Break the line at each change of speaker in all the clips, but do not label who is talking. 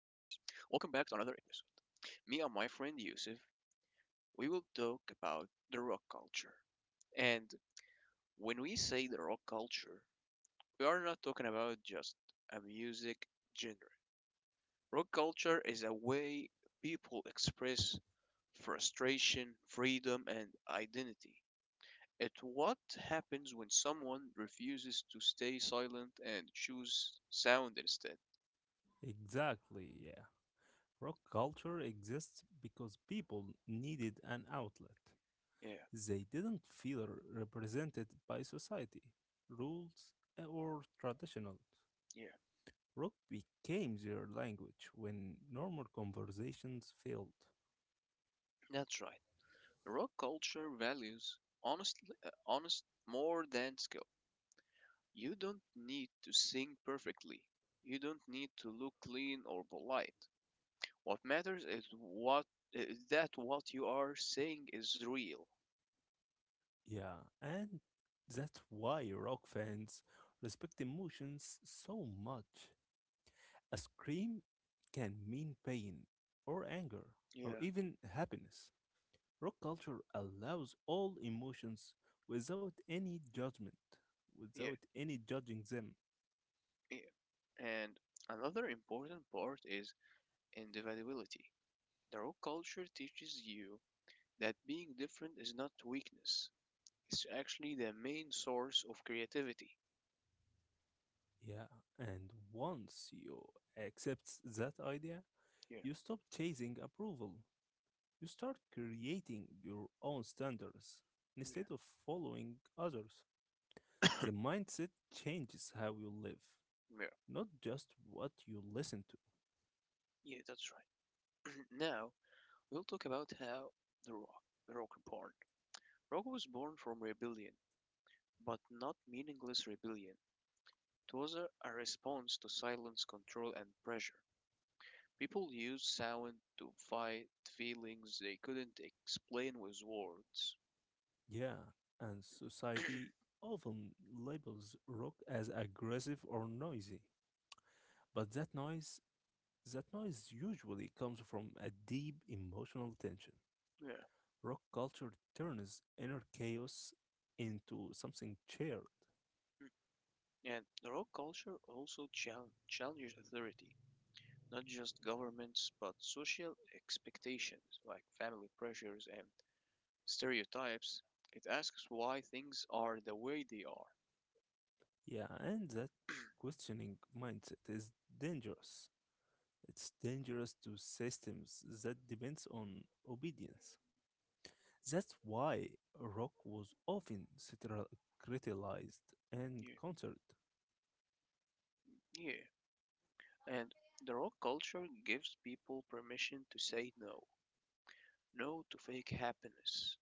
welcome back to another episode. Me and my friend Yusuf, we will talk about the rock culture. And when we say the rock culture, we are not talking about just a music genre. Rock culture is a way people express frustration, freedom, and identity. It's what happens when someone refuses to stay silent and choose sound instead.
Exactly, yeah. Rock culture exists because people needed an outlet.
Yeah,
They didn't feel represented by society, rules, or traditional.
yeah,
Rock became their language when normal conversations failed.
that's right. Rock culture values honestly, honest more than skill. You don't need to sing perfectly. You don't need to look clean or polite. What matters is what is that what you are saying is real.
Yeah, and that's why rock fans respect emotions so much. A scream can mean pain, or anger, or
Yeah,
even happiness. Rock culture allows all emotions without any judgment,
yeah,
without any judging them.
yeah. And another important part is individuality. The rock culture teaches you that being different is not weakness. It's actually the main source of creativity.
Yeah, and once you accept that idea,
Yeah,
you stop chasing approval. You start creating your own standards
yeah,
instead of following others. The mindset changes how you live,
yeah.
not just what you listen to.
Yeah, that's right. Now, we'll talk about how the Rock, the Rock born. Rock was born from rebellion, but not meaningless rebellion. It was a response to silence, control, and pressure. People used sound to fight feelings they couldn't explain with words.
Yeah, and society often labels rock as aggressive or noisy. But that noise usually comes from a deep emotional tension.
Yeah,
Rock culture turns inner chaos into something shared.
and the Rock culture also challenges authority, not just governments, but social expectations like family pressures and stereotypes. It asks why things are the way they are.
Yeah, and that questioning mindset is dangerous. It's dangerous to systems that depends on obedience. That's why rock was often criticized and
Yeah.
concert.
Yeah. And the rock culture gives people permission to say no. No to fake happiness.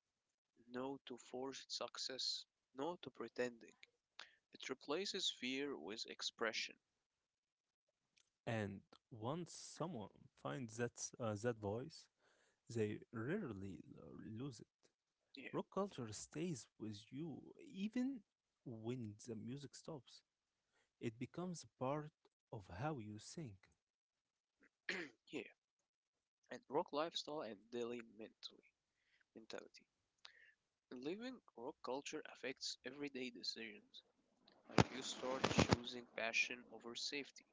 No to forced success. No to pretending. It replaces fear with expression.
And once someone finds that voice, they rarely lose it.
Yeah.
Rock culture stays with you even when the music stops. It becomes a part of how you think.
Yeah. And rock lifestyle and daily mentally mentality. Living rock culture affects everyday decisions. Like you start choosing passion over safety,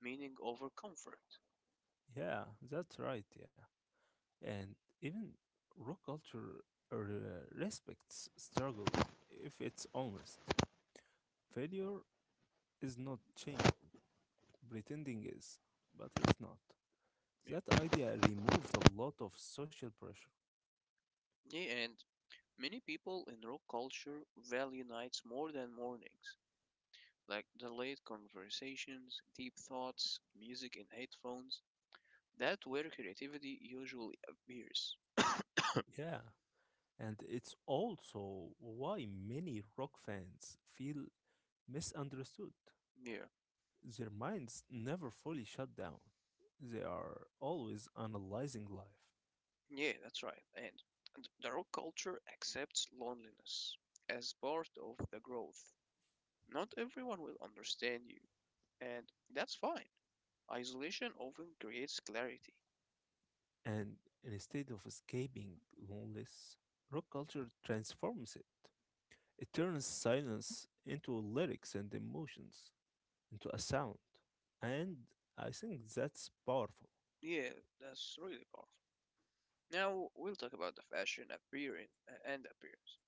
meaning over comfort.
Yeah, that's right. Yeah. And even rock culture uh, respects struggle if it's honest. Failure is not shameful. Pretending is, but it's not. That
Yeah.
idea removes a lot of social pressure.
Yeah, and many people in rock culture value nights more than mornings, like delayed conversations, deep thoughts, music in headphones. That where creativity usually appears.
Yeah. And it's also why many rock fans feel misunderstood.
Yeah,
Their minds never fully shut down, they are always analyzing life.
yeah, that's right. And the rock culture accepts loneliness as part of the growth. Not everyone will understand you, and that's fine. Isolation often creates clarity.
And instead of escaping loneliness, rock culture transforms it. It turns silence into lyrics and emotions, into a sound. And I think that's powerful.
Yeah, that's really powerful. Now we'll talk about the fashion appearance and appearance.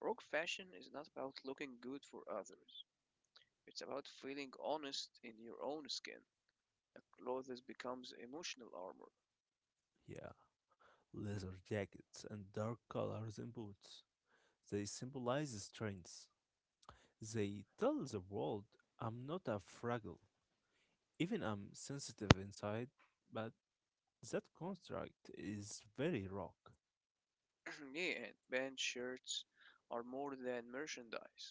Rock fashion is not about looking good for others. It's about feeling honest in your own skin. The clothes becomes emotional armor.
Yeah, leather jackets and dark colors and boots. They symbolize strength. They tell the world I'm not a fragile. Even I'm sensitive inside, but that construct is very rock.
Yeah, and band shirts are more than merchandise.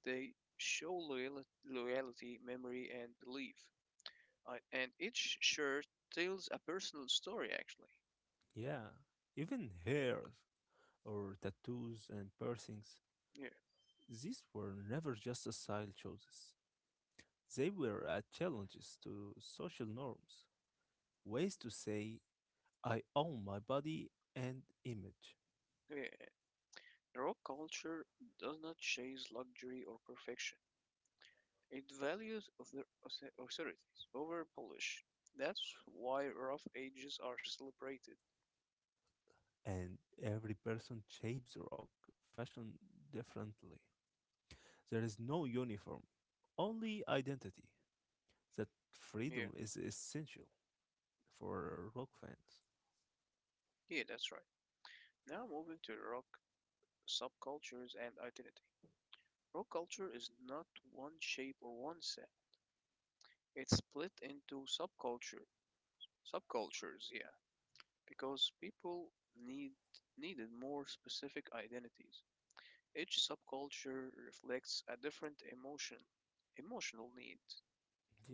They show loyalty, memory, and belief. And each shirt tells a personal story, actually.
Yeah, even hairs or tattoos and piercings,
Yeah,
these were never just a style choices. They were challenges to social norms, ways to say I own my body and image.
yeah. Rock culture does not chase luxury or perfection. It values of the authorities over polish. That's why rough ages are celebrated.
And every person shapes rock fashion differently. There is no uniform, only identity. That
Yeah,
freedom is essential for rock fans.
yeah, that's right. Now moving to rock subcultures and identity. Rock culture is not one shape or one sound. It's split into subcultures, yeah, because people need needed more specific identities. Each subculture reflects a different emotional need.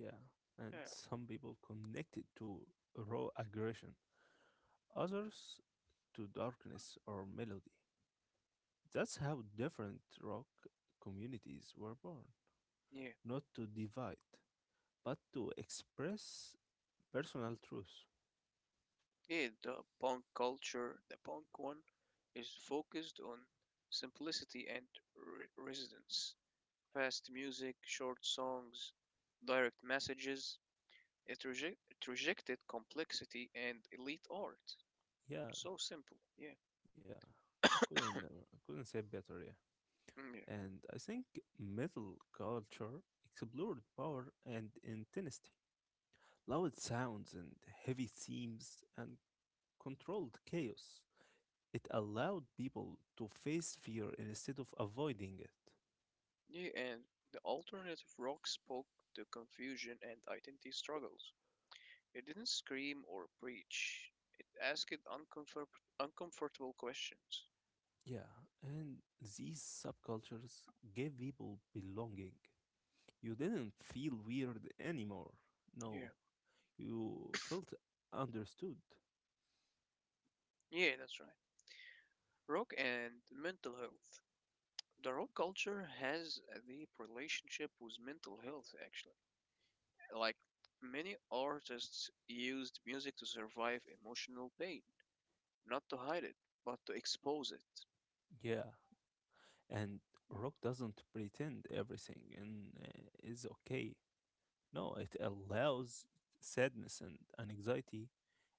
Yeah,
Yeah,
and some people connected to raw aggression, others to darkness or melody. That's how different rock communities were born,
yeah.
not to divide, but to express personal truth.
Yeah, the punk culture, the punk one, is focused on simplicity and resonance. Fast music, short songs, direct messages. It rejected complexity and elite art.
Yeah,
So simple, yeah.
yeah, I couldn't never, I couldn't say better. Yeah,
Mm, yeah.
and I think metal culture explored power and intensity, loud sounds and heavy themes, and controlled chaos. It allowed people to face fear instead of avoiding it.
Yeah, and the alternative rock spoke to confusion and identity struggles. It didn't scream or preach. It asked uncomfortable questions.
Yeah, and these subcultures gave people belonging. You didn't feel weird anymore. No,
Yeah.
you felt understood.
Yeah, that's right. Rock and mental health. The rock culture has a deep relationship with mental health, actually. Like many artists used music to survive emotional pain, not to hide it, but to expose it.
Yeah, and rock doesn't pretend everything and is okay. No, it allows sadness and anxiety,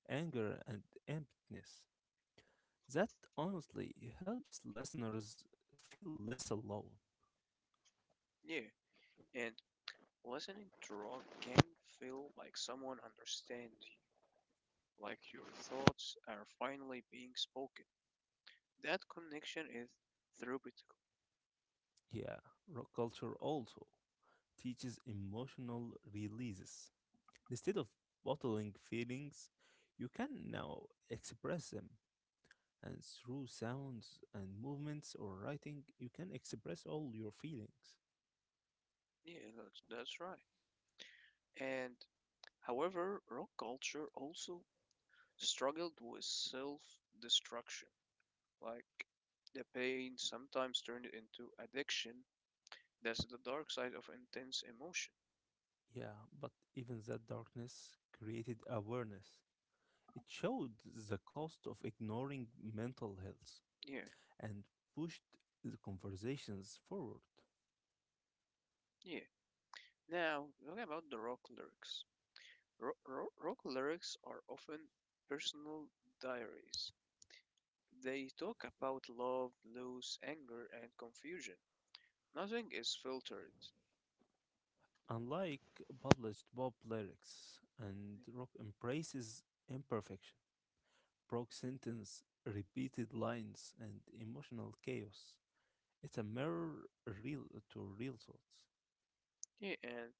anger and emptiness. That honestly helps listeners feel less alone.
Yeah, and listening to rock can feel like someone understands you, like your thoughts are finally being spoken. That connection is therapeutic.
Yeah, rock culture also teaches emotional releases. Instead of bottling feelings, you can now express them. And through sounds and movements or writing, you can express all your feelings.
Yeah, that's right. And however, rock culture also struggled with self destruction. Like the pain sometimes turned into addiction. That's the dark side of intense emotion.
Yeah, but even that darkness created awareness. It showed the cost of ignoring mental health
Yeah,
and pushed the conversations forward.
yeah. Now, talking about the rock lyrics. Rock lyrics are often personal diaries. They talk about love, loss, anger, and confusion. Nothing is filtered.
Unlike published pop lyrics, and rock embraces imperfection, broke sentence, repeated lines, and emotional chaos. It's a mirror real to real thoughts.
Yeah, and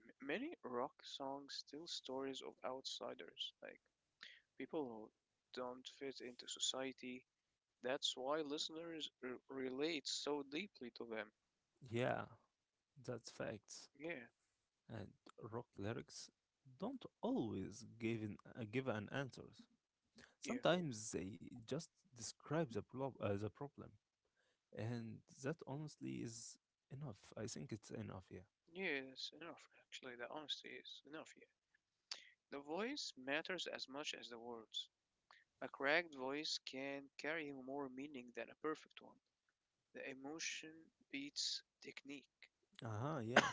many rock songs tell stories of outsiders, like people who don't fit into society. That's why listeners relate so deeply to them.
Yeah, that's facts.
Yeah,
And rock lyrics don't always give an answers.
yeah,
Sometimes they just describe the problem, and that honestly is enough. I think it's enough, yeah.
yeah, that's enough. Actually, the honesty is enough here. The voice matters as much as the words. A cracked voice can carry more meaning than a perfect one. The emotion beats technique.
Uh-huh, yeah.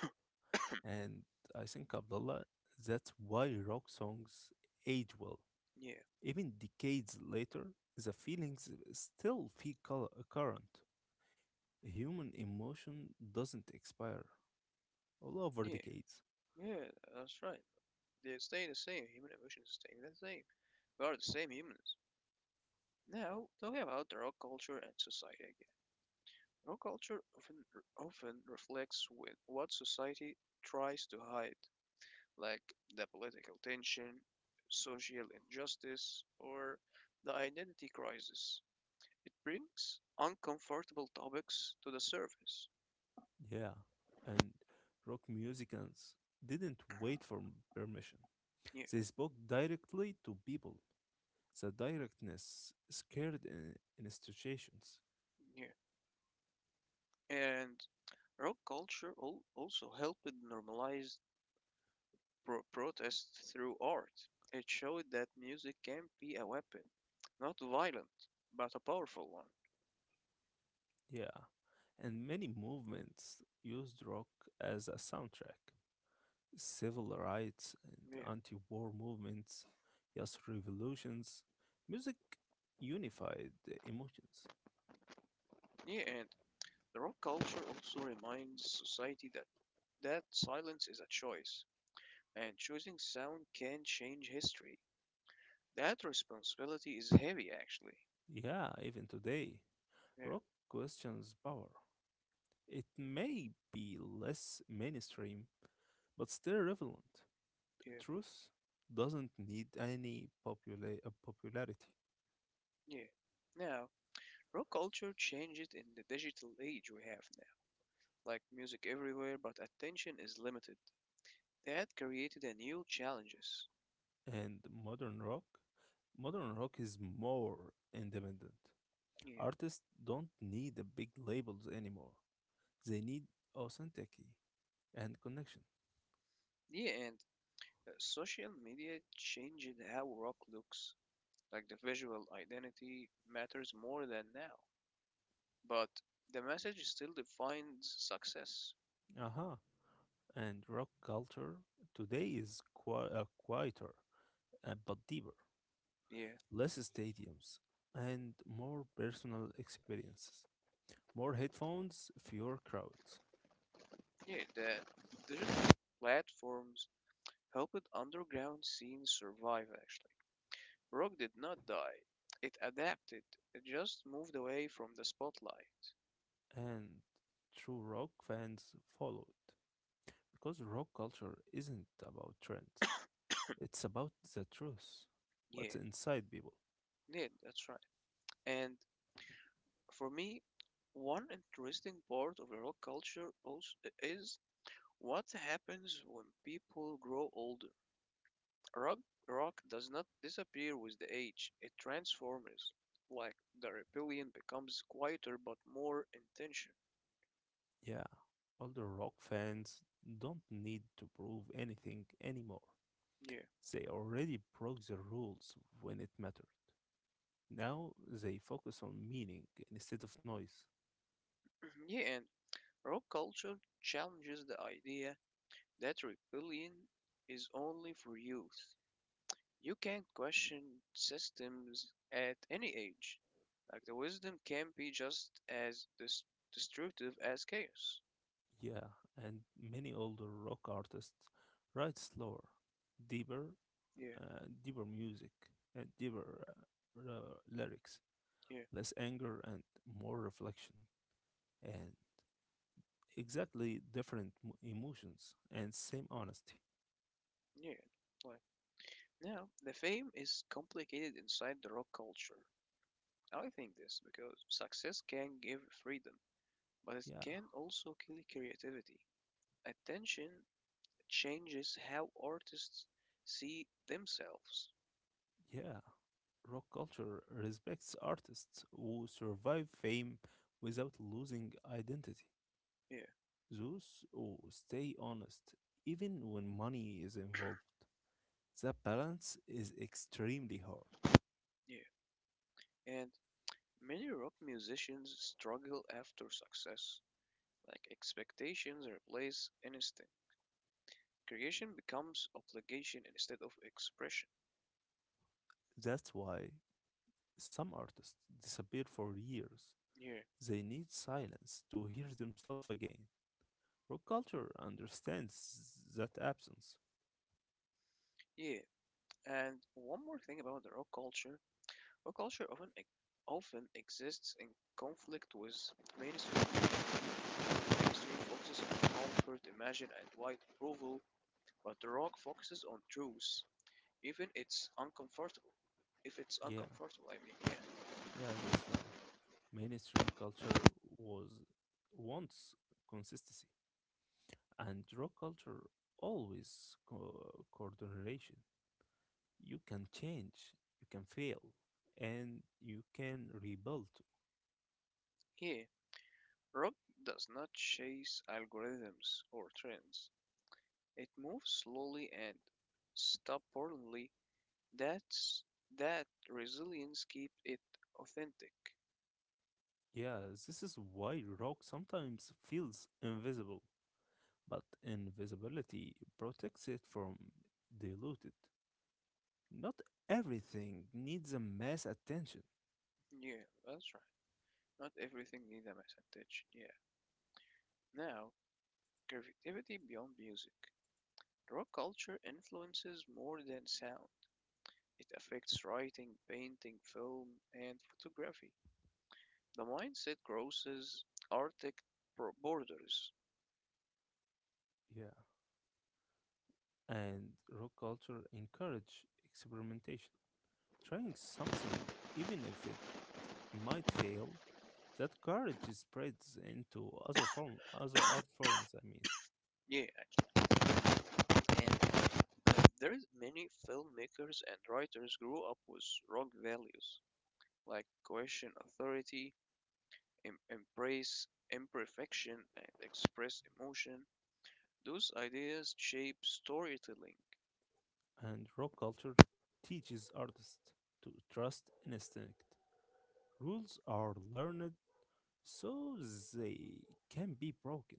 And I think, Abdullah, that's why rock songs age well.
Yeah,
Even decades later, the feelings still feel current. Human emotion doesn't expire all over
yeah,
decades.
yeah, that's right. They stay the same. Human emotions stay the same. We are the same humans. Now, talking about the rock culture and society. Raw culture often reflects with what society tries to hide, like the political tension, social injustice, or the identity crisis. It brings uncomfortable topics to the surface.
Yeah, and rock musicians didn't wait for permission.
Yeah,
They spoke directly to people. The directness scared institutions.
yeah. And rock culture also helped normalize protest through art. It showed that music can be a weapon, not violent, but a powerful one.
Yeah, and many movements used rock as a soundtrack. Civil rights and
Yeah,
anti war movements, yes, revolutions. Music unified emotions.
yeah, and the rock culture also reminds society that silence is a choice, and choosing sound can change history. That responsibility is heavy, actually.
Yeah, even today,
Yeah,
rock questions power. It may be less mainstream, but still relevant.
yeah,
Truth doesn't need any popularity.
yeah. Now, rock culture changed it in the digital age we have now, like music everywhere, but attention is limited. That created a new challenges.
And modern rock is more independent.
Yeah,
Artists don't need the big labels anymore. They need authenticity and connection.
yeah, and social media changed how rock looks. Like the visual identity matters more than now, but the message still defines success.
Aha. And rock culture today is quieter, but deeper.
Yeah,
Less stadiums and more personal experiences. More headphones, fewer crowds.
yeah. The digital platforms helped underground scenes survive. Actually, rock did not die. It adapted. It just moved away from the spotlight.
And true rock fans followed. Because rock culture isn't about trends, it's about the truth.
Yeah,
What's inside people?
yeah. That's right. And for me, one interesting part of the rock culture also is what happens when people grow older. Rock rock does not disappear with the age, it transforms. Like the rebellion becomes quieter but more intention.
Yeah, older rock fans don't need to prove anything anymore.
Yeah.
They already broke the rules when it mattered. Now they focus on meaning instead of noise.
Yeah, and rock culture challenges the idea that rebellion is only for youth. You can question systems at any age. Like the wisdom can be just as destructive as chaos.
Yeah, and many older rock artists write slower, deeper,
Yeah,
deeper music, uh, deeper lyrics,
yeah,
less anger and more reflection, and exactly different emotions and same honesty.
yeah. Like now, the fame is complicated inside the rock culture. I think this because success can give freedom, but it
Yeah,
can also kill creativity. Attention changes how artists see themselves.
yeah. Rock culture respects artists who survive fame without losing identity.
Yeah,
Those who stay honest even when money is involved. That balance is extremely hard.
yeah. And many rock musicians struggle after success. Like expectations replace instinct. Creation becomes obligation instead of expression.
That's why some artists disappear for years.
Yeah,
They need silence to hear themselves again. Rock culture understands that absence.
yeah. And one more thing about the rock culture. Rock culture often exists in conflict with mainstream history focuses on comfort, imagine, and white approval, but the rock focuses on truth, even it's uncomfortable. If it's
Yeah,
uncomfortable, I mean, yeah.
yeah, that's right. Mainstream culture was wants consistency, and rock culture always coordination. You can change, you can fail, and you can rebuild.
Here, Rob does not chase algorithms or trends. It moves slowly and stubbornly. That's that resilience keeps it authentic.
Yeah, this is why rock sometimes feels invisible, but invisibility protects it from diluted. Not everything needs a mass attention.
Yeah, that's right. Not everything needs a message. Yeah. Now, creativity beyond music. Rock culture influences more than sound. It affects writing, painting, film, and photography. The mindset crosses artistic borders.
Yeah. And rock culture encourage experimentation. Trying something even if it might fail, that courage spreads into other art forms, I mean.
Yeah, and uh, there is many filmmakers and writers grew up with rock values like question authority, embrace imperfection, and express emotion. Those ideas shape storytelling.
And rock culture teaches artists to trust instinct. Rules are learned so they can be broken.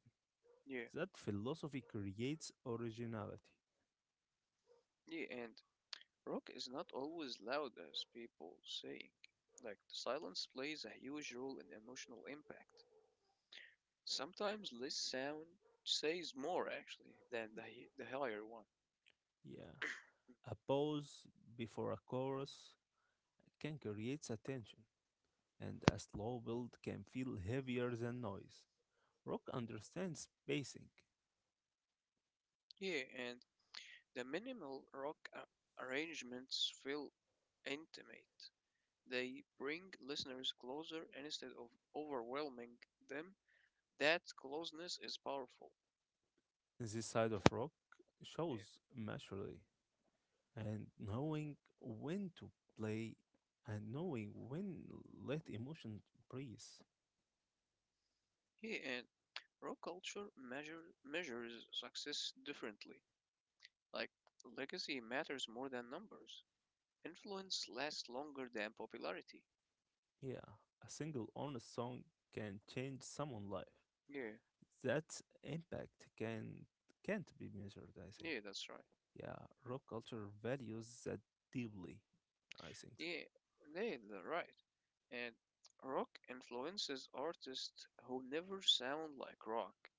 Yeah,
That philosophy creates originality.
yeah, and rock is not always loud as people think. Like the silence plays a huge role in emotional impact. Sometimes less sound says more actually than the higher one.
Yeah. A pause before a chorus can create a tension, and a slow build can feel heavier than noise. Rock understands pacing.
Yeah, and the minimal rock arrangements feel intimate. They bring listeners closer instead of overwhelming them. That closeness is powerful.
This side of rock
Yeah.
shows maturity and knowing when to play and knowing when let emotion breathe.
Yeah, and rock culture measures success differently. Like, legacy matters more than numbers. Influence lasts longer than popularity.
Yeah, a single honest song can change someone's life.
Yeah,
That impact can't be measured, I think.
yeah, that's right.
Yeah, rock culture values that deeply. I think
Yeah, yeah, that's right. And rock influences artists who never sound like rock.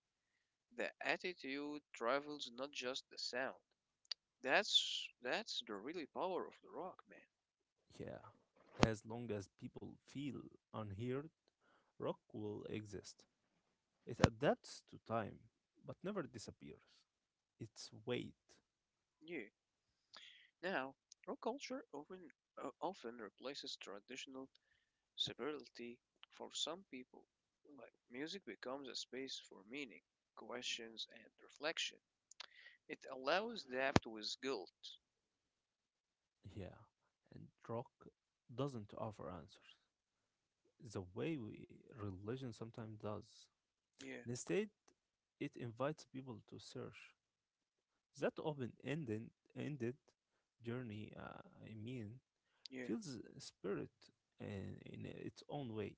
The attitude travels not just the sound. That's the really power of the rock, man.
so. Yeah. As long as people feel unheard, rock will exist. It adapts to time, but never disappears. Its weight.
Yeah. Now, rock culture often replaces traditional severely, for some people, like music becomes a space for meaning, questions, and reflection. It allows depth with guilt.
Yeah. And rock doesn't offer answers the way we religion sometimes does.
Yeah,
Instead, it invites people to search. That open ended journey, I mean,
yeah,
feels spirit in its own way.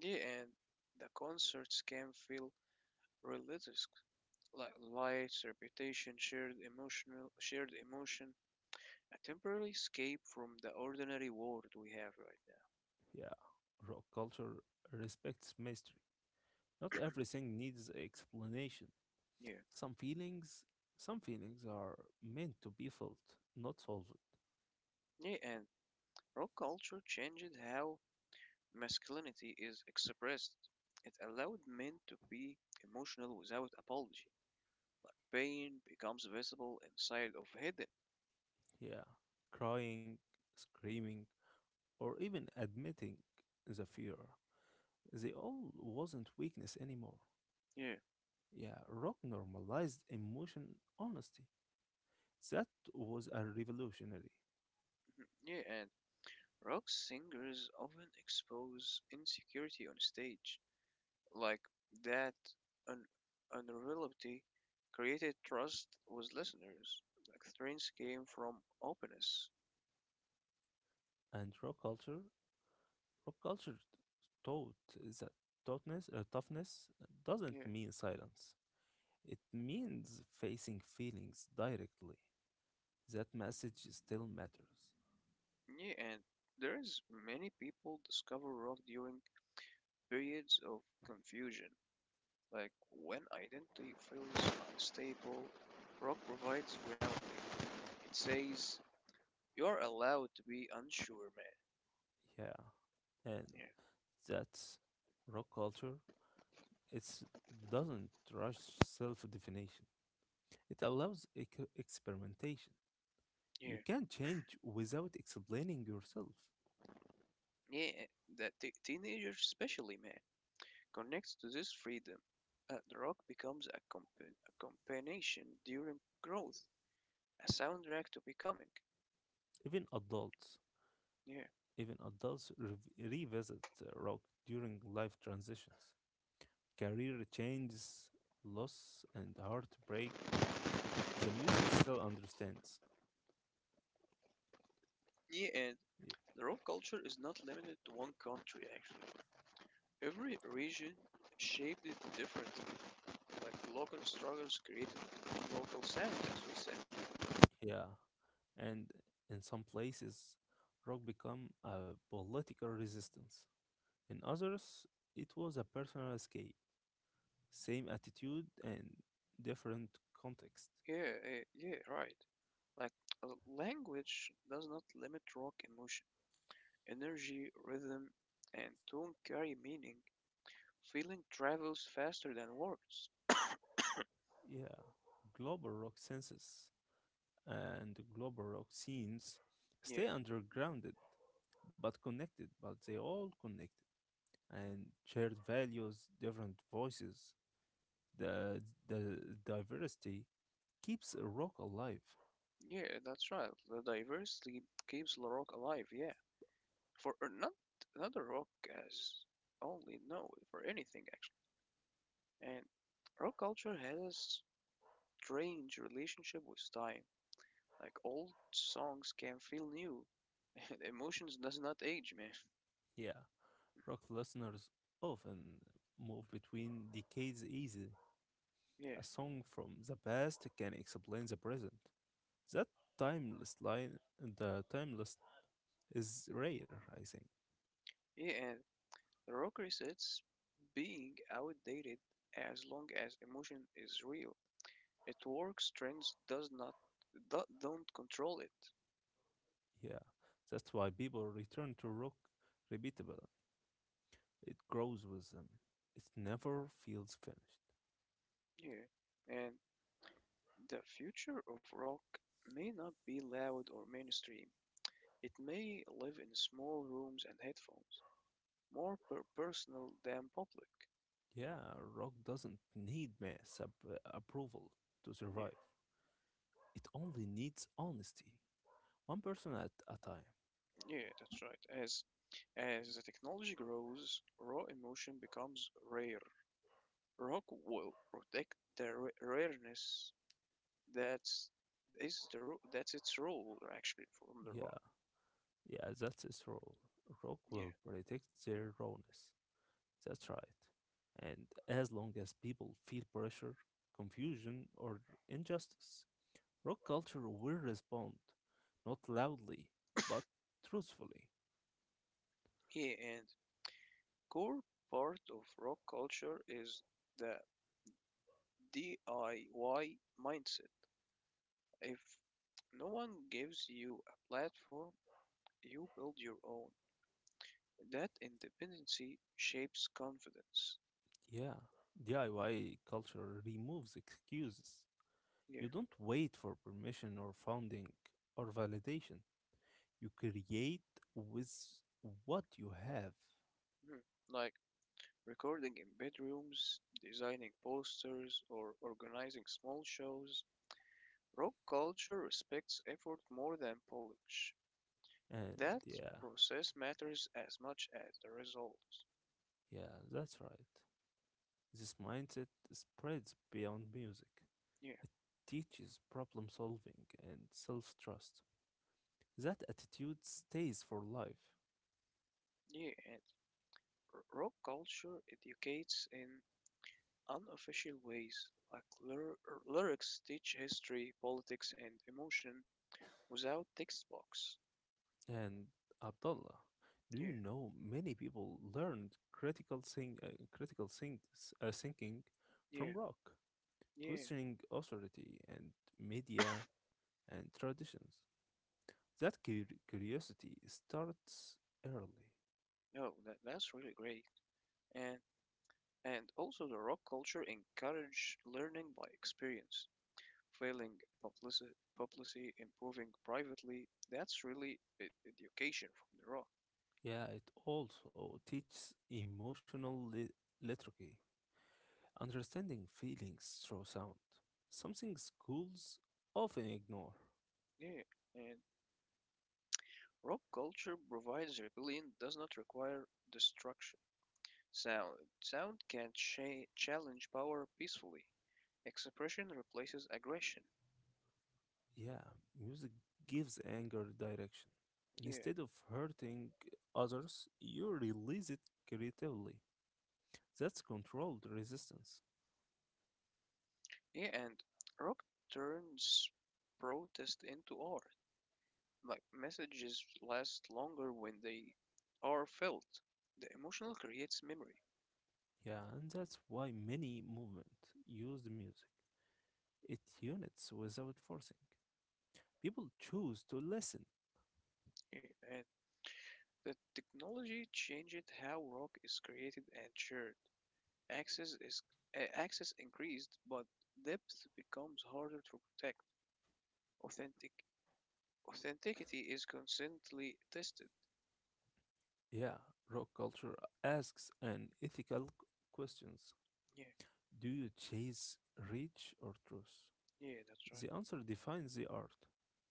yeah, and the concerts can feel religious, like lights, reputation, shared emotion, a temporary escape from the ordinary world we have right
Yeah, rock culture respects mystery. Not everything needs explanation.
now. Yeah,
Some feelings, some feelings are meant to be felt, not solved.
yeah, and rock culture changed how masculinity is expressed, it allowed men to be emotional without apology. Pain becomes visible instead of hidden.
Yeah, crying, screaming, or even admitting the fear. They all wasn't weakness anymore.
Yeah,
Yeah, rock normalized emotion honesty. That was a revolutionary.
yeah, and rock singers often expose insecurity on stage, like that un- unreliability created trust with listeners. Like strengths came from openness.
And rock culture Rock culture taught that toughness doesn't
Yeah,
mean silence. It means facing feelings directly. That message still matters.
yeah, and there is many people discover rock during periods of confusion. Like when identity feels unstable, rock provides grounding. It says, you're allowed to be unsure, man.
Yeah, and
Yeah,
that's rock culture. It doesn't rush self-definition. It allows experimentation.
yeah.
You can change without explaining yourself.
Yeah, that teenagers, especially, man, connects to this freedom. The rock becomes a companion during growth, a soundtrack to becoming.
Even adults,
Yeah.
Even adults revisit rock during life transitions, career changes, loss, and heartbreak, the music still understands.
Yeah, and
Y-
the rock culture is not limited to one country, actually. Every region shaped it differently. Like local struggles created local sound, as we say.
Yeah, and in some places, rock become a political resistance. In others, it was a personal escape. Same attitude and different context.
Yeah, eh, yeah, right. Like language does not limit rock emotion. Energy, rhythm, and tone carry meaning. Feeling travels faster than words.
Yeah, global rock senses global rock scenes
Yeah,
stay undergrounded but connected, but they all connected. And shared values, different voices. The the diversity keeps rock alive.
yeah, that's right. The diversity keeps the rock alive. Yeah, for not another rock as only no for anything actually. And rock culture has a strange relationship with time. Like old songs can feel new. Emotions does not age, man.
Yeah, rock listeners often move between decades easily.
Yeah.
A song from the past can explain the present. That the timeless is rare, I think.
Yeah, and rock resets being outdated as long as emotion is real. It works trends does not don't control it.
Yeah, that's why people return to rock repeatable. It grows with them. It never feels finished.
Yeah. And the future of rock may not be loud or mainstream. It may live in small rooms and headphones, more personal than public.
Yeah, rock doesn't need mass approval to
Yeah.
survive. It only needs honesty. One person at a time.
Yeah, that's right. As the technology grows, raw emotion becomes rare. Rock will protect the rareness that's is that's its role actually from the rock.
Yeah, yeah, that's its role. Rock
Yeah,
will protect their rawness. That's right. And as long as people feel pressure, confusion, or injustice, rock culture will respond, not loudly, but truthfully.
yeah, and core part of rock culture is the DIY mindset. If no one gives you a platform, you build your own. That independency shapes confidence.
Yeah, DIY culture removes excuses.
Yeah.
You don't wait for permission or funding or validation. You create with what you have.
Mhm. Like recording in bedrooms, designing posters, or organizing small shows, rock culture respects effort more than polish.
And
That
yeah,
process matters as much as the result.
yeah, that's right. This mindset spreads beyond music.
Yeah,
It teaches problem solving and self trust. That attitude stays for life.
yeah, and rock culture educates in unofficial ways, like lyrics teach history, politics, and emotion without text box.
And Abdullah, do
Yeah,
you know many people learned critical think, critical things, thinking
yeah,
from rock?
yeah.
Questioning authority and media and traditions. That curiosity starts early.
Oh, that's really great. And And also the rock culture encouraged learning by experience, publicly, improving privately. That's really education from the rock.
Yeah, it also teaches emotional literacy, understanding feelings through sound, something schools often ignore.
Yeah, and rock culture provides rebellion does not require destruction. Sound can challenge power peacefully. Expression replaces aggression.
Yeah, music gives anger direction.
Yeah,
Instead of hurting others, you release it creatively. That's controlled resistance.
yeah, and rock turns protest into art like messages last longer when they are felt. The emotional creates memory,
Yeah, and that's why many movements use the music. It units without forcing. People choose to listen.
eh, and the technology changed how rock is created and shared. Access is access increased, but depth becomes harder to protect. Authentic authenticity is constantly tested.
Yeah, rock culture asks an ethical questions.
Yeah,
Do you chase reach or truth?
yeah, that's right.
The answer defines the art.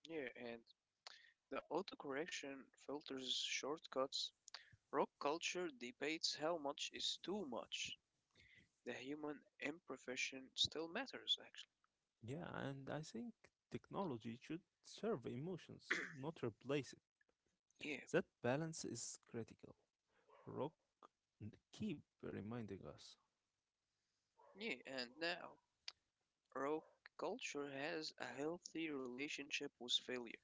Yeah, and the autocorrection filters shortcuts. Rock culture debates how much is too much. The human imperfection still matters actually.
Yeah, and I think technology should serve emotions, not replace it.
Yeah,
That balance is critical. Rock keep reminding us.
yeah, and now rock culture has a healthy relationship with failure.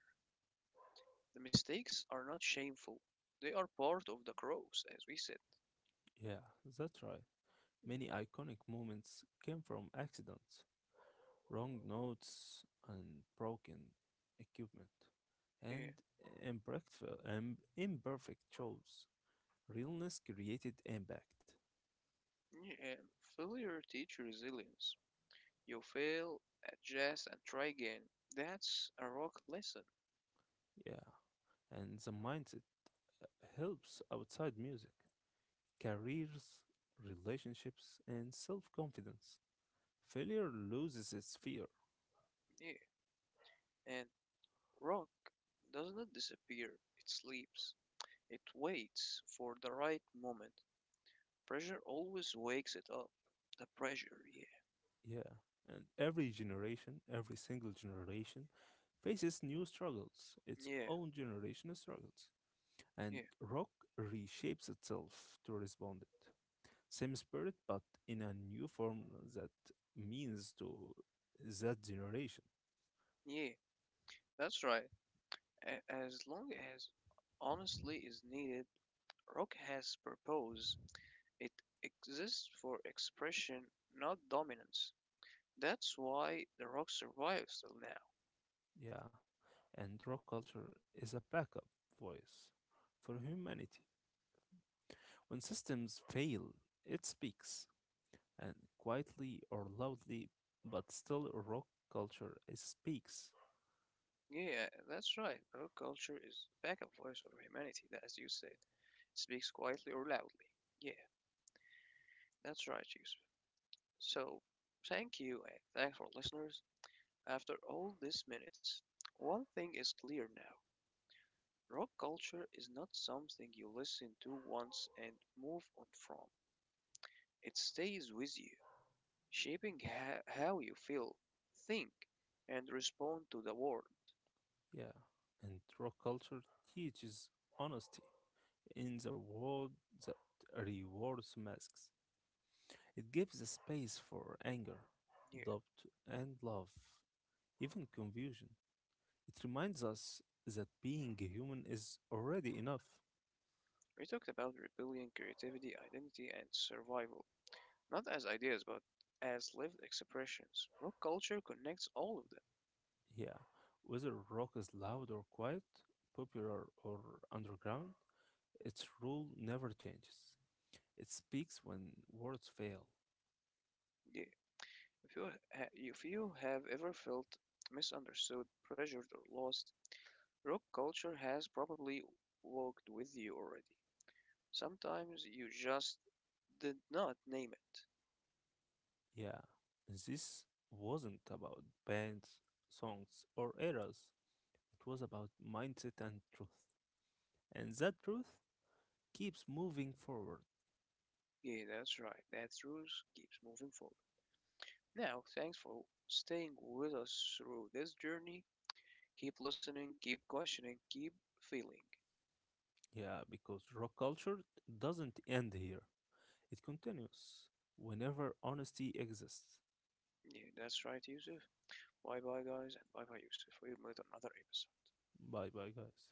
The mistakes are not shameful, they are part of the growth as we said.
Yeah, that's right.
Mhm.
Many iconic moments came from accidents, wrong notes, and broken equipment,
Yeah,
and imperfect, imperfect shows. Realness created impact.
yeah. And failure teach resilience. You fail, adjust and try again. That's a rock lesson.
Yeah, and the mindset uh, helps outside music, careers, relationships, and self confidence. Failure loses its fear.
Yeah, and rock does not disappear, it sleeps, it waits for the right moment. Pressure always wakes it up. The pressure,
Yeah, and every single generation faces new struggles,
yeah,
its
yeah,
own generational struggles.
yeah,
And rock reshapes itself to respond it. Same spirit, but in a new form that means to that generation.
yeah. That's right. As long as honestly is needed, rock has proposed it exists for expression, not dominance. That's why the Rock survives till now.
Yeah, and rock culture is a backup voice for humanity. When systems fail, it speaks. And quietly or loudly, but still rock culture speaks.
Yeah, that's right. Rock culture is the backup voice of humanity, that, as you said, speaks quietly or loudly. Yeah, that's right, Yusuf. So, thank you and thanks for listeners. After all these minutes, one thing is clear now: rock culture is not something you listen to once and move on from. It stays with you, shaping how you feel, think, and respond to the world.
Yeah, and rock culture teaches honesty in the world that rewards masks. It gives a space for anger,
Yeah,
doubt, and love, even confusion. It reminds us that being a human is already enough.
we talked about rebellion, creativity, identity, and survival, not as ideas but as lived expressions. Rock culture connects all of them.
Yeah, whether rock is loud or quiet, popular or underground, its rule never changes. It speaks when words fail.
Yeah, if you if you have ever felt misunderstood, pressured, or lost, rock culture has probably walked with you already. Sometimes you just did not name it.
Yeah, this wasn't about bands, songs, or eras. It was about mindset and truth. And that truth keeps moving forward.
Yeah, that's right. That truth keeps moving forward. Now, thanks for staying with us through this journey. Keep listening, keep questioning, keep feeling.
Yeah, because rock culture doesn't end here, it continues whenever honesty exists.
Yeah, that's right, Yusuf. Bye bye, guys, and bye bye, Yusuf. We'll meet on another episode.
Bye bye, guys.